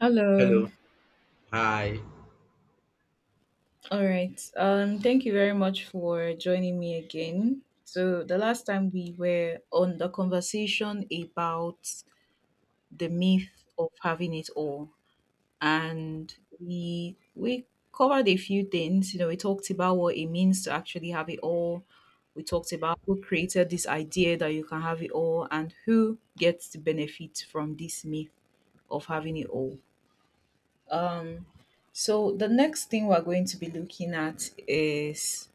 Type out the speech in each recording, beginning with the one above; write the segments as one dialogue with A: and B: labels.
A: Hello.
B: Hello. Hi.
A: All right. Thank you very much for joining me again. So the last time we were on the conversation about the myth of having it all, and we covered a few things. You know, we talked about what it means to actually have it all. We talked about who created this idea that you can have it all, and who gets to benefit from this myth of having it all. So the next thing we're going to be looking at is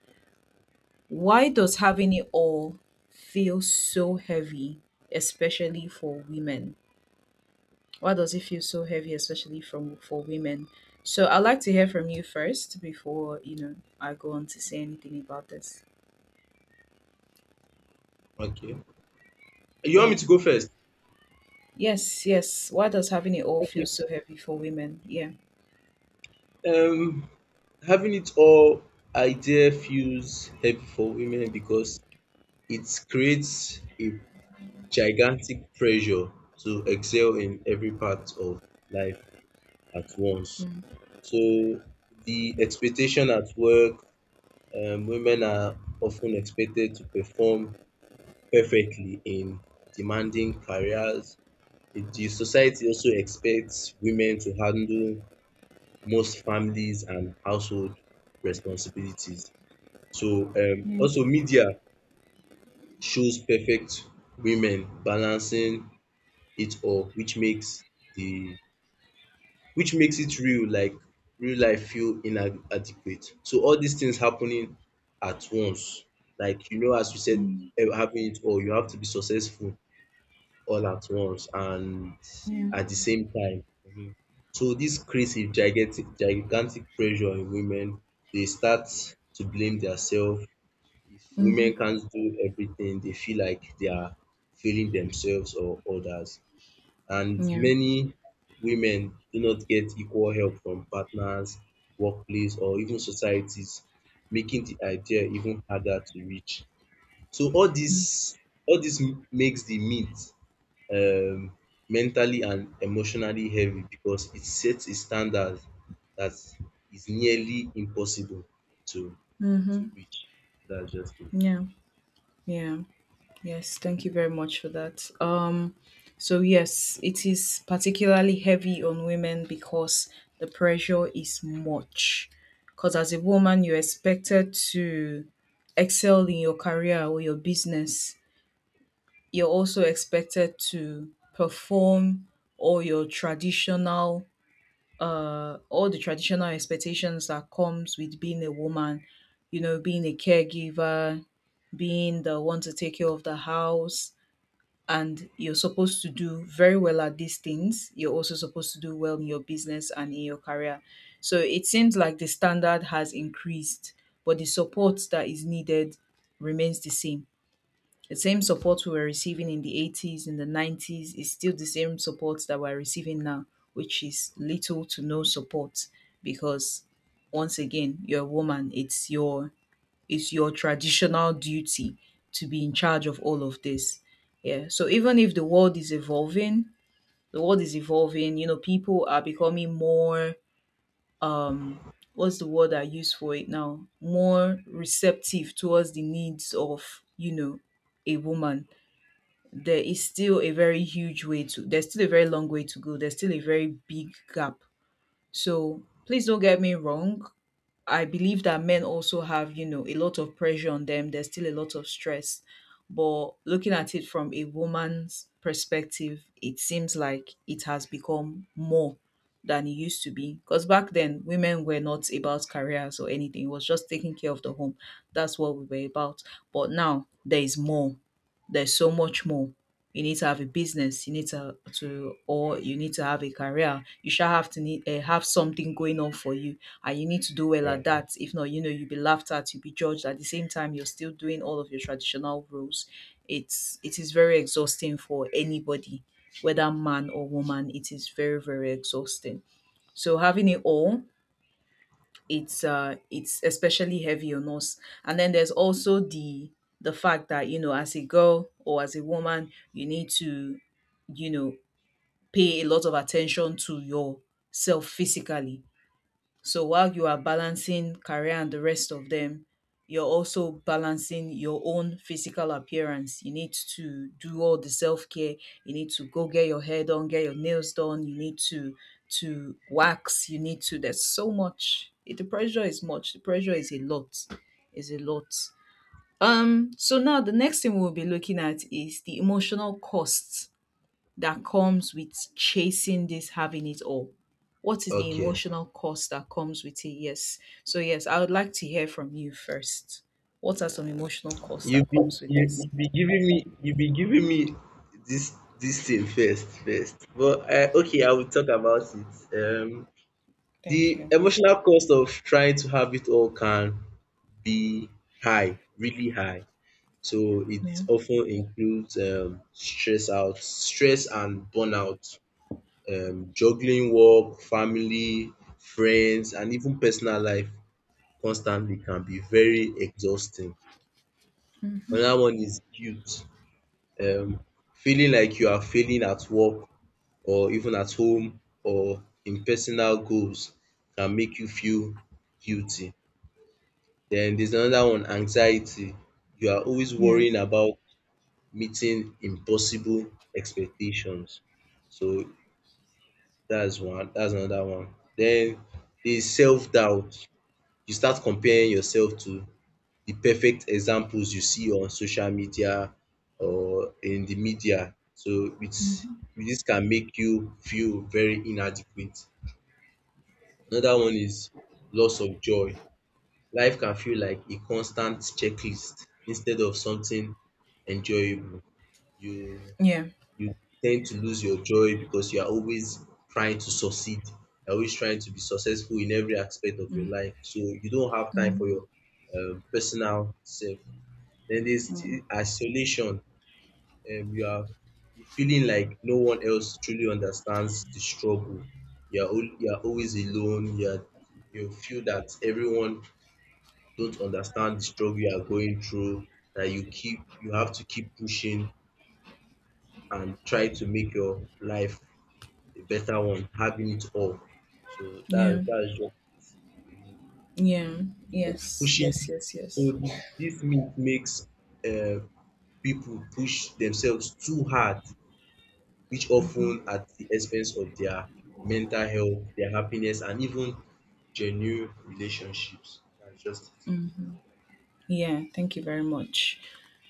A: why does having it all feel so heavy, especially for women? Why does it feel so heavy, especially from for women? So I'd like to hear from you first before I go on to say anything about this.
B: Okay. You want
A: Yeah.
B: me to go first?
A: Yes. Yes. Why does having it all feel
B: Okay.
A: so heavy for women? Yeah.
B: Um, Having it all idea feels heavy for women because it creates a gigantic pressure to excel in every part of life at once.
A: Mm.
B: So the expectation at work, women are often expected to perform perfectly in demanding careers. The society also expects women to handle most families and household responsibilities. So
A: Yeah.
B: also media shows perfect women balancing it up, which makes the which makes it real, like real life feel inadequate. So all these things happening at once, like you know as you said,
A: Mm.
B: having it all, you have to be successful all at once and
A: Yeah.
B: at the same time. Mhm. So this creates a gigantic pressure on women. They start to blame themselves. If women
A: Mm-hmm.
B: can't do everything, they feel like they are failing themselves or others. And
A: Yeah.
B: many women do not get equal help from partners, workplace, or even societies, making the idea even harder to reach. So all this, all dis makes the myth um mentally and emotionally heavy because it sets a standard that is nearly impossible to
A: Mm-hmm.
B: to reach. That's just
A: Yeah. Yeah. Yes, thank you very much for that. So yes, it is particularly heavy on women because the pressure is much. Because as a woman, you're expected to excel in your career or your business. You're also expected to perform all your all the traditional expectations that comes with being a woman. You know, being a caregiver, being the one to take care of the house, and you're supposed to do very well at these things. You're also supposed to do well in your business and in your career. So it seems like the standard has increased, but the support that is needed remains the same. The same support we were receiving in the 80s, in the 90s, is still the same support that we're receiving now, which is little to no support because, once again, you're a woman. It's your traditional duty to be in charge of all of this. Yeah. So even if the world is evolving, the world is evolving, you know, people are becoming more um what's the word I use for it now? More receptive towards the needs of, you know, a woman. There is still a very huge way to there's still a very long way to go. There's still a very big gap, so please don't get me wrong. I believe that men also have, you know, a lot of pressure on them. There's still a lot of stress. But looking at it from a woman's perspective, it seems like it has become more than it used to be. Because back then, women were not about careers or anything, it was just taking care of the home. That's what we were about. But now, there is more. There's so much more. You need to have a business. You need to have a career. You shall have to need have something going on for you, and you need to do well at
B: it.
A: that. If not, you know, you'll be laughed at, you'll be judged, at the same time you're still doing all of your traditional roles. It is very exhausting for anybody, whether man or woman. It is very, very exhausting. So having it all, it's especially heavy on us. And then there's also the fact that, you know, as a girl or as a woman you need to, you know, pay a lot of attention to yourself physically. So while you are balancing career and the rest of them, you're also balancing your own physical appearance. You need to do all the self care. You need to go get your hair done, get your nails done. You need to wax. You need to. There's so much. It, the pressure is much. The pressure is a lot. Is a lot. So now the next thing we'll be looking at is the emotional costs that comes with chasing this, having it all? What is
B: Yeah.
A: the
B: Okay.
A: emotional cost that comes with it? Yes. So, yes, I would like to hear from you first. What are some emotional costs
B: You
A: that
B: be
A: comes with
B: you
A: this?
B: you be giving me you be giving me this thing first, but okay, I will talk about it.
A: Thank
B: The
A: you.
B: emotional cost of trying to have it all can be high, really high. So it
A: Yeah.
B: often includes stress and burnout, juggling work, family, friends, and even personal life constantly can be very exhausting. Another one is guilt, um, feeling like you are failing at work or even at home or in personal goals can make you feel guilty. Then there's another one, anxiety. You are always
A: Yeah.
B: worrying about meeting impossible expectations. So that's one, that's another one. Then is self-doubt. You start comparing yourself to the perfect examples you see on social media or in the media. So it's
A: Mm-hmm.
B: This can make you feel very inadequate. Another one is loss of joy. Life can feel like a constant checklist instead of something enjoyable. You
A: Yeah.
B: you tend to lose your joy because you are always trying to succeed. You're always trying to be successful in every aspect of your life. So you don't have time for your personal self. Then there's the isolation. You are feeling like no one else truly understands the struggle. You are always alone. You feel that everyone don't understand the struggle you are going through. That you keep You have to keep pushing and try to make your life a better one, having it all. So
A: Yeah.
B: that that's just
A: Yeah. Yes.
B: pushing.
A: Yes. Yes.
B: So
A: Yes.
B: this myth makes uh, people push themselves too hard, which often at the expense of their mental health, their happiness, and even genuine relationships. That's just
A: Yeah, thank you very much.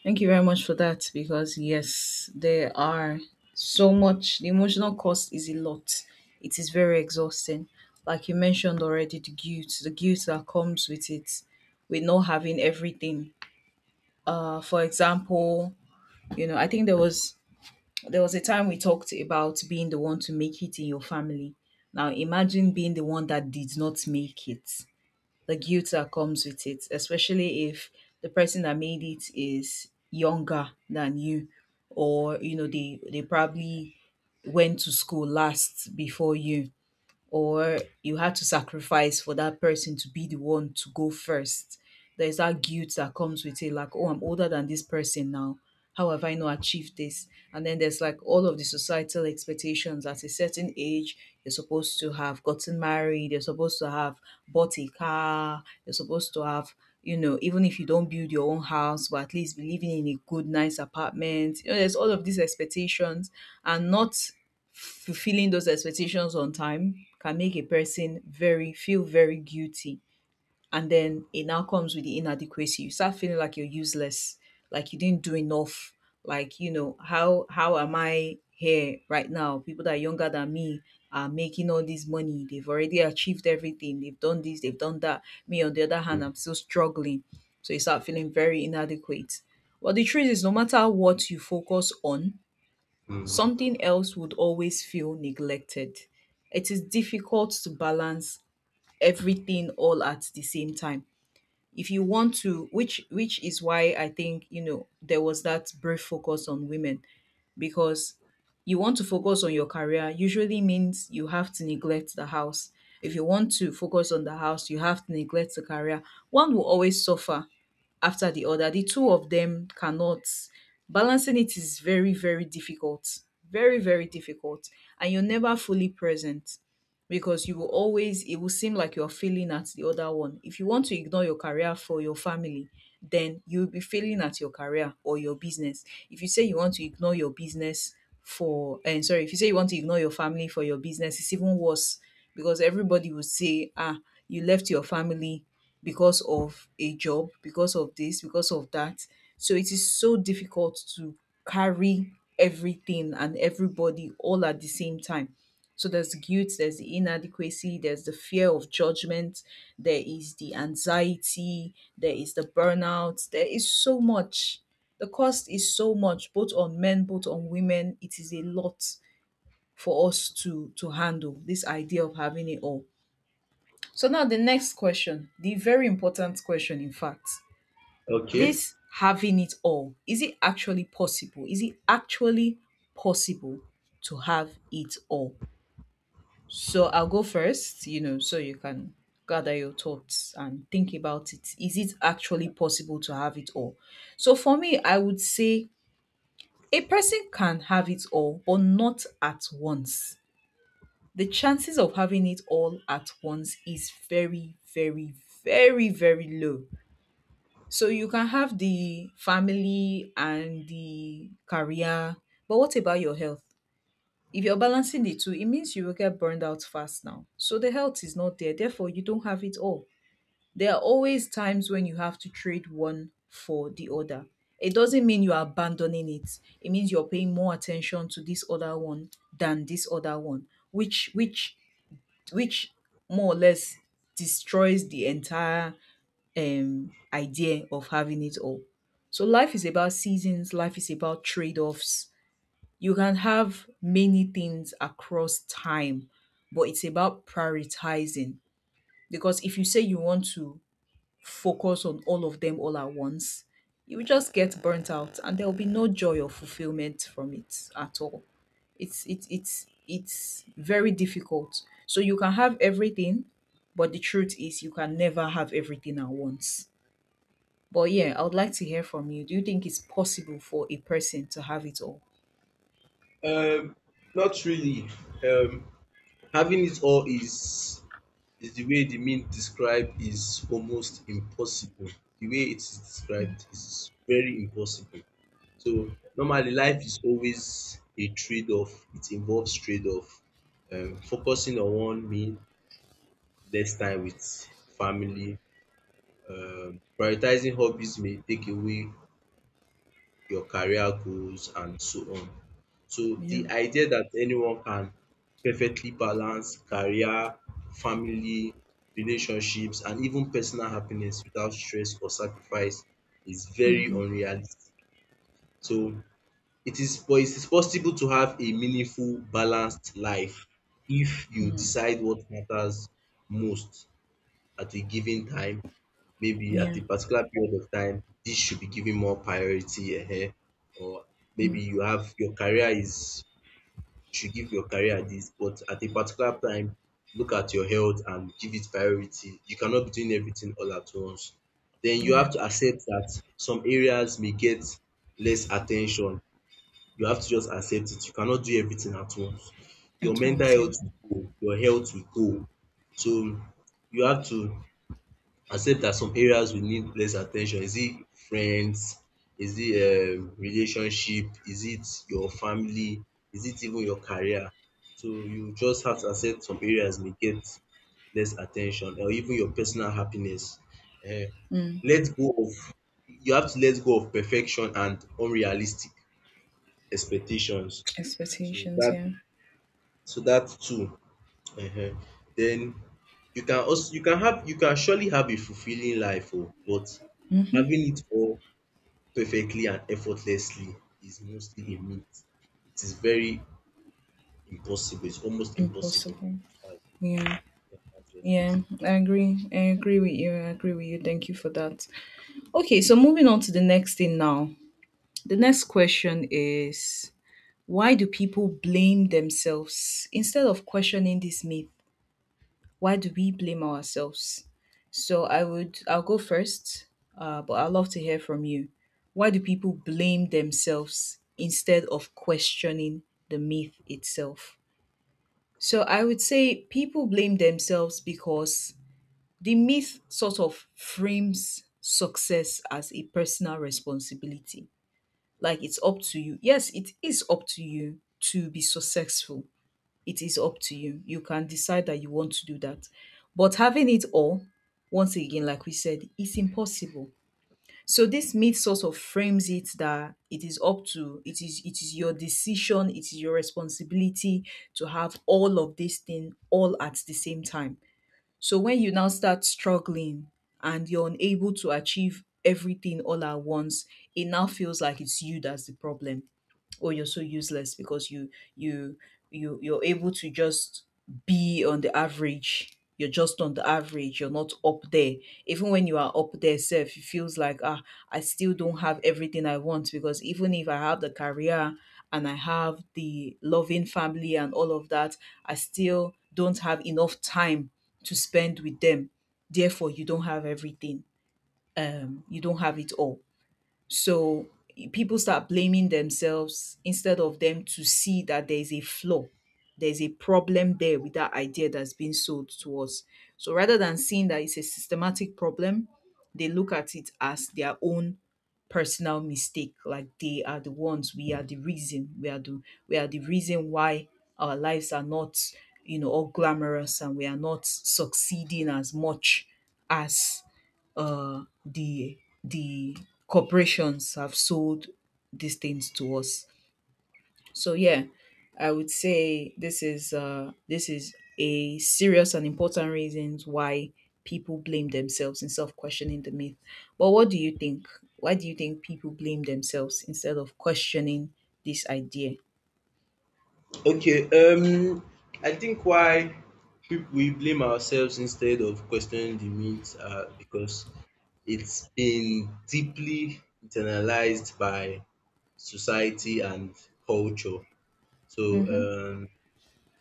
A: Thank you very much for that, because yes, there are so much, the emotional cost is a lot. It is very exhausting. Like you mentioned already, the guilt that comes with it, with not having everything. Uh, for example, you know, I think there was a time we talked about being the one to make it in your family. Now imagine being the one that did not make it, the guilt that comes with it, especially if the person that made it is younger than you, or you know they probably went to school last before you, or you had to sacrifice for that person to be the one to go first. There's that guilt that comes with it, like, oh, I'm older than this person now. How have I not achieved this? And then there's like all of the societal expectations at a certain age. You're supposed to have gotten married, you're supposed to have bought a car, you're supposed to have, you know, even if you don't build your own house, but at least be living in a good, nice apartment. You know, there's all of these expectations, and not fulfilling those expectations on time can make a person very feel very guilty. And then it now comes with the inadequacy. You start feeling like you're useless, like you didn't do enough, like, you know, how am I here right now, people that are younger than me are making all this money, they've already achieved everything, they've done this, they've done that, me on the other hand,
B: it.
A: I'm still struggling. So you start feeling very inadequate. Well, the truth is no matter what you focus on,
B: Mm.
A: something else would always feel neglected. It is difficult to balance everything all at the same time, if you want to, which is why I think, you know, there was that brief focus on women. Because you want to focus on your career usually means you have to neglect the house. If you want to focus on the house, you have to neglect the career. One will always suffer after the other. The two of them cannot. Balancing it is very, very difficult. Very, very difficult. And you're never fully present because you will always, it will seem like you're failing at the other one. If you want to ignore your career for your family, then you'll be failing at your career or your business. If you say you want to ignore your business for, and sorry, if you say you want to ignore your family for your business, it's even worse because everybody will say, ah, you left your family because of a job, because of this, because of that. So it is so difficult to carry everything and everybody all at the same time. So there's guilt, there's the inadequacy, there's the fear of judgment, there is the anxiety, there is the burnout, there is so much. The cost is so much, both on men, both on women. It is a lot for us to handle this idea of having it all. So now the next question, the very important question, in fact,
B: Okay.
A: this having it all, is it actually possible? Is it actually possible to have it all? So I'll go first, you know, so you can gather your thoughts and think about it. Is it actually possible to have it all? So for me, I would say a person can have it all, but not at once. The chances of having it all at once is very, very, very low. So you can have the family and the career, but what about your health? If you're balancing the two, it means you will get burned out fast. Now so the health is not there, therefore you don't have it all. There are always times when you have to trade one for the other. It doesn't mean you're abandoning it, it means you're paying more attention to this other one than this other one, which more or less destroys the entire idea of having it all. So life is about seasons, life is about trade-offs. You can have many things across time, but it's about prioritizing. Because if you say you want to focus on all of them all at once, you will just get burnt out and there will be no joy or fulfillment from it at all. It's very difficult. So you can have everything, but the truth is you can never have everything at once. But yeah, I would like to hear from you. Do you think it's possible for a person to have it all?
B: Um, Not really. Um, Having it all is the way the meme described is almost impossible. The way it is described is very impossible. So normally life is always a trade-off. It involves trade-off. Focusing on one mean less time with family. Prioritizing hobbies may take away your career goals and so on. So
A: Yeah.
B: the idea that anyone can perfectly balance career, family, relationships and even personal happiness without stress or sacrifice is very
A: Mm-hmm.
B: unrealistic. So it is possible to have a meaningful, balanced life if you
A: Mm.
B: decide what matters most at a given time. Maybe at
A: Yeah.
B: a particular period of time, this should be given more priority, ehen, or maybe
A: Mm.
B: your career is, you should give your career this, but at a particular time, look at your health and give it priority. You cannot be doing everything all at once. Then you
A: Yeah.
B: have to accept that some areas may get less attention. You have to just accept it. You cannot do everything at once. Your
A: At
B: mental
A: once, yeah.
B: health will go, your health will go. So you have to accept that some areas will need less attention. Is it friends? Is it relationship? Is it your family? Is it even your career? So you just have to accept some areas may get less attention or even your personal happiness. um
A: Mm.
B: Let go of You have to let go of perfection and unrealistic expectations. So
A: Expectations,
B: that
A: yeah.
B: so that too Ehen. Then you can also you can surely have a fulfilling life, oh, but having it all perfectly and effortlessly is mostly a myth. It is very impossible. It's almost impossible.
A: Impossible.
B: I
A: Yeah.
B: can't just do
A: Yeah, I agree. I agree with you. I agree with you. Thank you for that. Okay, so moving on to the next thing now. The next question is, why do people blame themselves? Instead of questioning this myth, why do we blame ourselves? I'll go first, but I'd love to hear from you. Why do people blame themselves instead of questioning the myth itself? So I would say people blame themselves because the myth sort of frames success as a personal responsibility. Like, it's up to you. Yes, it is up to you to be successful. It is up to you. You can decide that you want to do that. But having it all, once again, like we said, is impossible. So this myth sort of frames it that it is your decision, it is your responsibility to have all of this thing all at the same time. So when you now start struggling and you're unable to achieve everything all at once, it now feels like it's you that's the problem, or you're so useless because you're able to just be on the average. You're just on the average, you're not up there. Even when you are up there self, it feels like, ah, I still don't have everything I want, because even if I have the career and I have the loving family and all of that, I still don't have enough time to spend with them. Therefore, you don't have everything. You don't have it all. So people start blaming themselves instead of them to see that there's a flaw, there's a problem there with that idea that's being sold to us. So rather than seeing that it's a systematic problem, they look at it as their own personal mistake. Like, they are the ones, we are the reason, we are the reason why our lives are not, all glamorous, and we are not succeeding as much as the corporations have sold these things to us. So yeah, I would say this is a serious and important reasons why people blame themselves in self-questioning the myth. But what do you think? Why do you think people blame themselves instead of questioning this idea?
B: it. Okay, um I think why we blame ourselves instead of questioning the myth, because it's been deeply internalized by society and culture. So
A: Mm-hmm.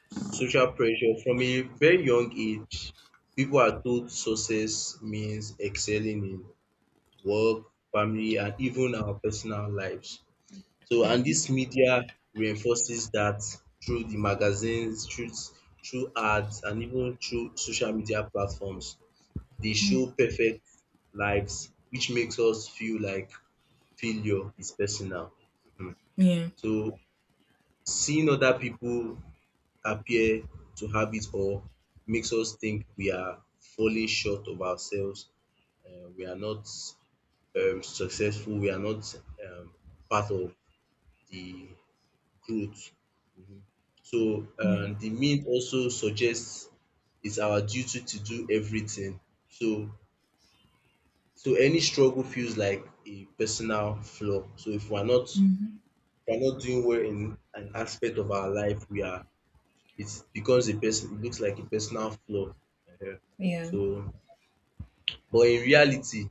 B: social pressure. From a very young age, people are told success means excelling in work, family, and even our personal lives. So, and this media reinforces that through the magazines, through ads, and even through social media platforms. They show perfect lives, which makes us feel like failure is personal. Mhm.
A: Yeah.
B: So, seeing other people appear to have it or makes us think we are falling short of ourselves, we are not successful, we are not um, part of the growth. Mhm. So
A: Yeah.
B: the meme also suggests it's our duty to do everything. So so any struggle feels like a personal flaw. So if we're not
A: Mm-hmm.
B: doing well in an aspect of our life, we are it becomes a person it looks like a personal flaw. Ehen.
A: Yeah.
B: So but in reality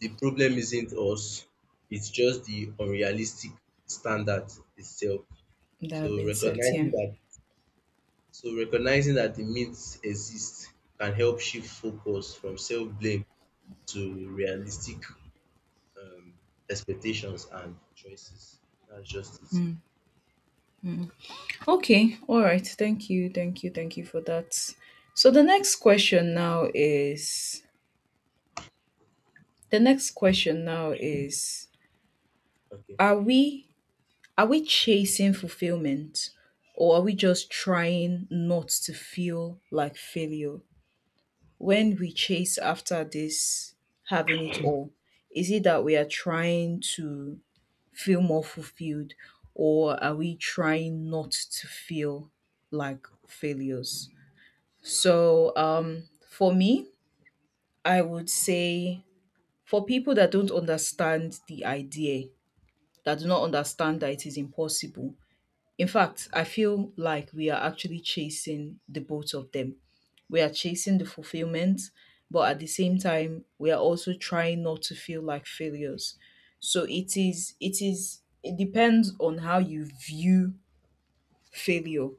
B: the problem isn't us, it's just the unrealistic standard itself.
A: That
B: So
A: have been said. Yeah.
B: recognizing that so recognizing that the myths exist can help shift focus from self-blame to realistic um expectations and choices. That's just it.
A: Okay, all right. Thank you, thank you, thank you for that. So the next question now is, the next question now is
B: Okay.
A: are we, are we chasing fulfillment, or are we just trying not to feel like failure when we chase after this having it all? Is it that we are trying to feel more fulfilled, or are we trying not to feel like failures? So, for me, I would say, for people that don't understand the idea, that do not understand that it is impossible, in fact, I feel like we are actually chasing the both of them. We are chasing the fulfillment, but at the same time, we are also trying not to feel like failures. So it depends on how you view failure,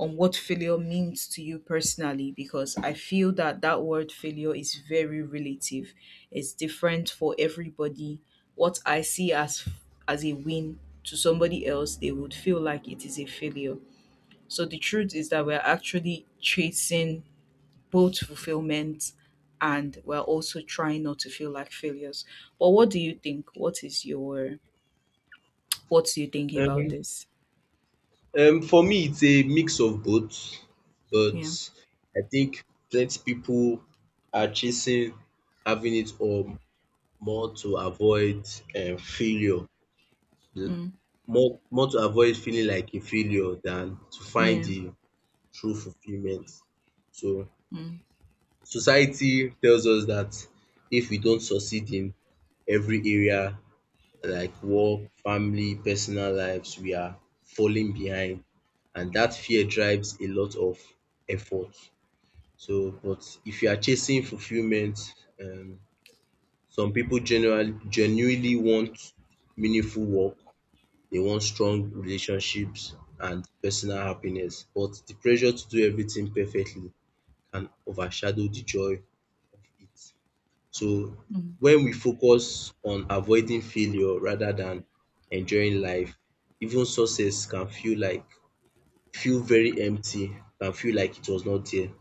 A: on what failure means to you personally, because I feel that that word failure is very relative. It's different for everybody. What I see as a win, to somebody else, they would feel like it is a failure. So the truth is that we're actually chasing both fulfillment, and we're also trying not to feel like failures. But what do you think? What do you think about
B: Um
A: this?
B: For me, it's a mix of both,
A: Yeah.
B: but I think plenty people are chasing having it all more to avoid failure, l-
A: Mm.
B: more more to avoid feeling like a failure than to find
A: Yeah.
B: the true fulfillment. So
A: Mm.
B: society tells us that if we don't succeed in every area, like work, family, personal lives, we are falling behind. And that fear drives a lot of effort. So, but if you are chasing fulfillment, um, some people generally genuinely want meaningful work, they want strong relationships and personal happiness. But the pressure to do everything perfectly can overshadow the joy of it. So
A: Mm.
B: when we focus on avoiding failure rather than enjoying life, even success can feel like feel very empty, can feel like it was not there.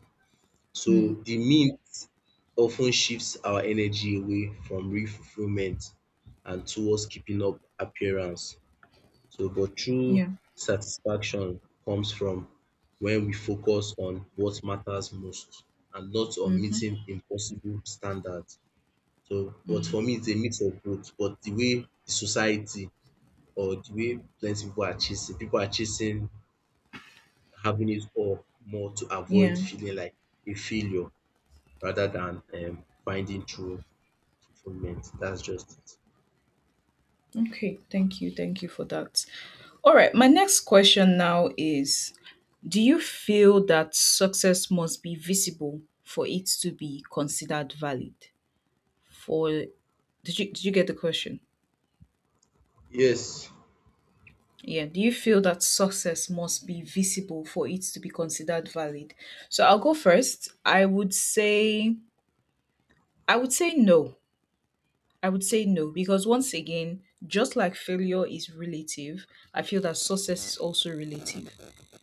B: So
A: Mm.
B: the myth often shifts our energy away from real fulfillment and towards keeping up appearance. So but true
A: Yeah.
B: satisfaction comes from when we focus on what matters most and not on
A: Hmm.
B: meeting impossible standards. So, but
A: Mm,
B: for me, it's a mix of both. But the way the society or the way plenty people are chasing having it all more to avoid
A: yeah.
B: feeling like a failure rather than finding true fulfillment. That's just it.
A: Okay. Thank you. Thank you for that. All right. My next question now is, do you feel that success must be visible for it to be considered valid? For, did you get the question?
B: Yes.
A: Yeah, do you feel that success must be visible for it to be considered valid? So I'll go first. I would say no. I would say no, because once again, just like failure is relative, I feel that success is also relative.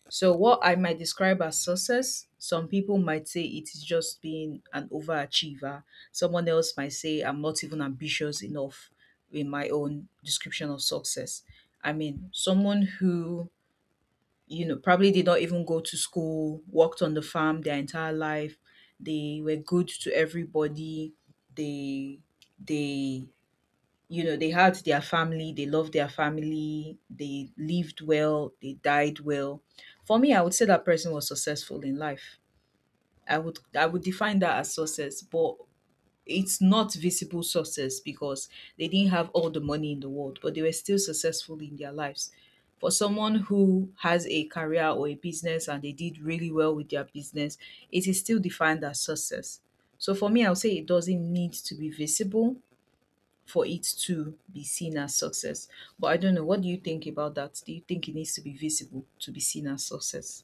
A: So, what I might describe as success, some people might say it is just being an overachiever. Someone else might say I'm not even ambitious enough in my own description of success. I mean, someone who, you know, probably did not even go to school, worked on the farm their entire life, they were good to everybody, they they you know, they had their family, they loved their family, they lived well, they died well. For me, I would say that person was successful in life. I would define that as success. But it's not visible success, because they didn't have all the money in the world, but they were still successful in their lives. For someone who has a career or a business, and they did really well with their business, it is still defined as success. So for me, I would say it doesn't need to be visible for it to be seen as success. But I don't know. What do you think about that? Do you think it needs to be visible to be seen as success?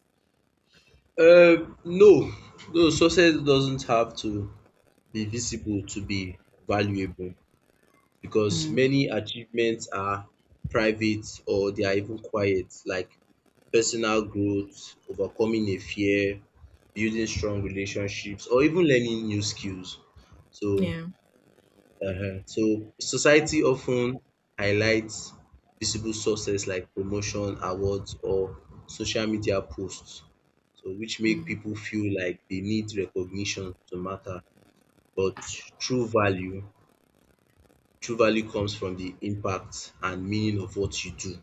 B: No, no, success doesn't have to be visible to be valuable because
A: Mm,
B: many achievements are private or they are even quiet, like personal growth, overcoming a fear, building strong relationships or even learning new skills. So
A: yeah.
B: society often highlights visible success like promotion, awards or social media posts. Which make
A: Mm,
B: people feel like they need recognition to matter, but true value, true value comes from the impact and meaning of what you do,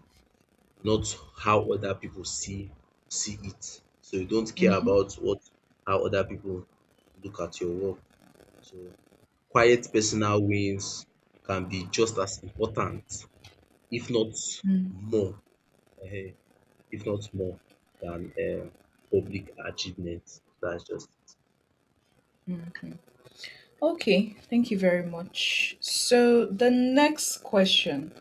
B: not how other people see it. So you don't care
A: mhm,
B: about what how other people look at your work. So quiet personal wins can be just as important, if not
A: mm.
B: more, eh, if not more than public achievements. That's just
A: Okay. Thank you very much. So the next question.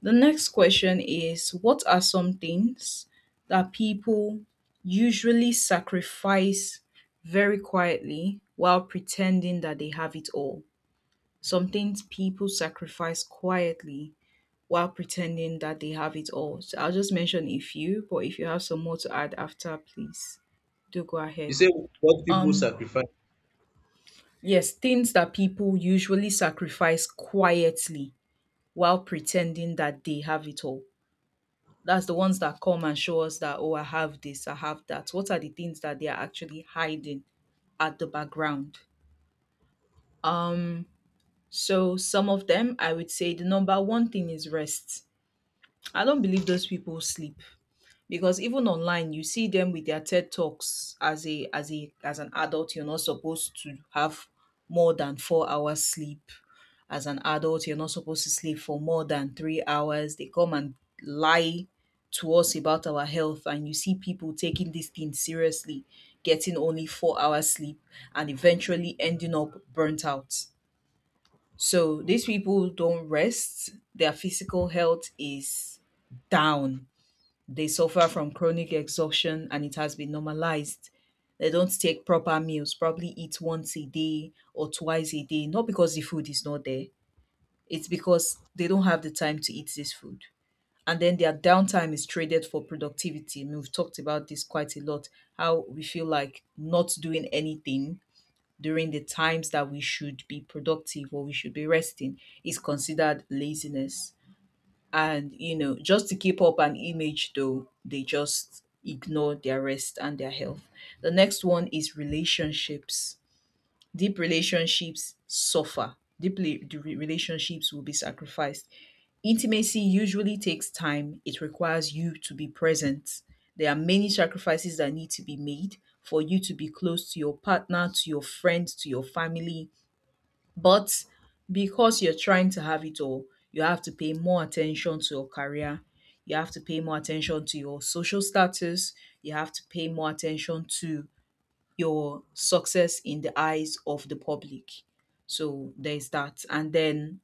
A: The next question is, what are some things that people usually sacrifice very quietly while pretending that they have it all? Some things people sacrifice quietly while pretending that they have it all. So I'll just mention a few, but if you have some more to add after, please do go ahead.
B: You say what people
A: Um,
B: sacrifice.
A: yes, things that people usually sacrifice quietly while pretending that they have it all. That's the ones that come and show us that, oh, I have this, I have that. What are the things that they are actually hiding at the background? Um, so some of them, I would say the number one thing is rest. I don't believe those people sleep, because even online you see them with their TED talks, as a as a as an adult, you're not supposed to have more than 4 hours sleep. As an adult, you're not supposed to sleep for more than 3 hours. They come and lie to us about our health, and you see people taking this thing seriously, getting only 4 hours sleep and eventually ending up burnt out. So these people don't rest. Their physical health is down, they suffer from chronic exhaustion, and it has been normalized. They don't take proper meals, probably eat once a day or twice a day, not because the food is not there, it's because they don't have the time to eat this food. And then their downtime is traded for productivity. And we've talked about this quite a lot, how we feel like not doing anything during the times that we should be productive or we should be resting is considered laziness. And you know, just to keep up an image, though, they just ignore their rest and their health. The next one is relationships. Deep relationships suffer deeply. The relationships will be sacrificed. Intimacy usually takes time, it requires you to be present. There are many sacrifices that need to be made for you to be close to your partner, to your friends, to your family. But because you're trying to have it all, you have to pay more attention to your career, you have to pay more attention to your social status, you have to pay more attention to your success in the eyes of the public. So there's that. And then,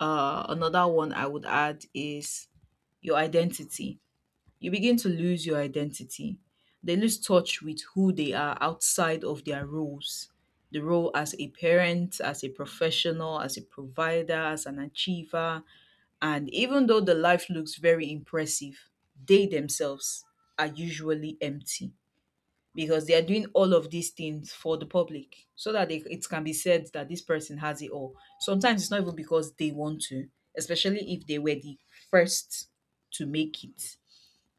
A: another one I would add is your identity. You begin to lose your identity. They lose touch with who they are outside of their roles, the role as a parent, as a professional, as a provider, as an achiever. And even though the life looks very impressive, they themselves are usually empty, because they are doing all of these things for the public, so that they, it can be said that this person has it all. Sometimes it's not even because they want to, especially if they were the first to make it.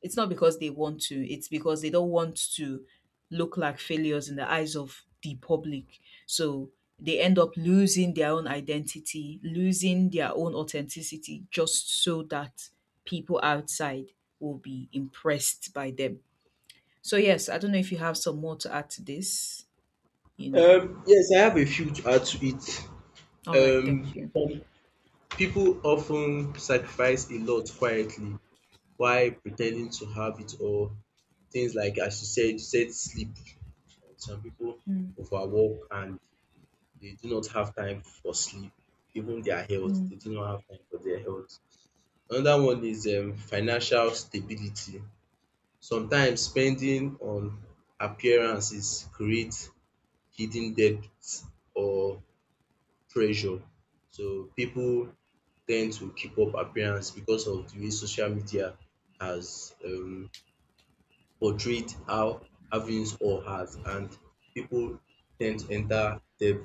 A: It's not because they want to, it's because they don't want to look like failures in the eyes of the public. So they end up losing their own identity, losing their own authenticity, just so that people outside will be impressed by them. So, yes, I don't know if you have some more to add to this, you know.
B: Yes, I have a few to add to it.
A: All right, thank
B: Um,
A: you.
B: People often sacrifice a lot quietly while pretending to have it all. Things like, as you said sleep. Some people
A: Mm,
B: overwork and they do not have time for sleep, even their health.
A: mm,
B: They do not have time for their health. Another one is financial stability. Sometimes spending on appearances creates hidden debts or pressure. So people tend to keep up appearance because of the way social media has portrayed how having or has, and people tend to enter debt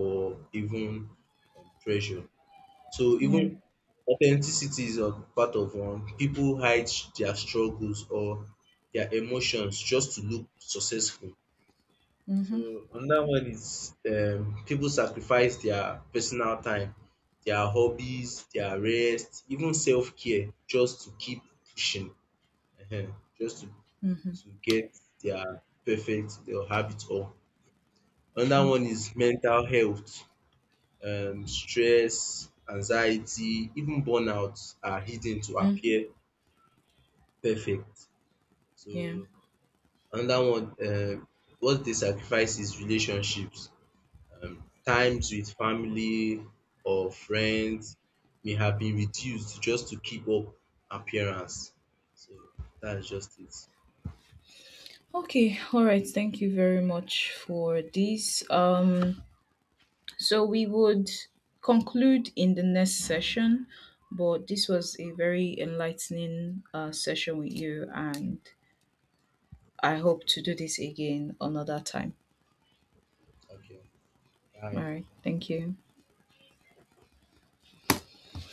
B: or even pressure. So
A: yeah.
B: even authenticity is a part of one. People hide their struggles or their emotions just to look successful. So
A: Mm-hmm.
B: another one is people sacrifice their personal time, their hobbies, their rest, even self-care just to keep pushing, just
A: Mm-hmm.
B: to get their perfect, they'll have it all. Another one
A: Okay.
B: is mental health, stress, anxiety, even burnout are hidden to
A: Mm-hmm.
B: appear perfect.
A: Yeah.
B: So another one, what they sacrifice is relationships, times with family or friends may have been reduced just to keep up appearance. So that's just it.
A: Okay. All right. Thank you very much for this. So we would conclude in the next session, but this was a very enlightening session with you, and I hope to do this again another time.
B: Okay,
A: All
B: bye.
A: right. Thank you.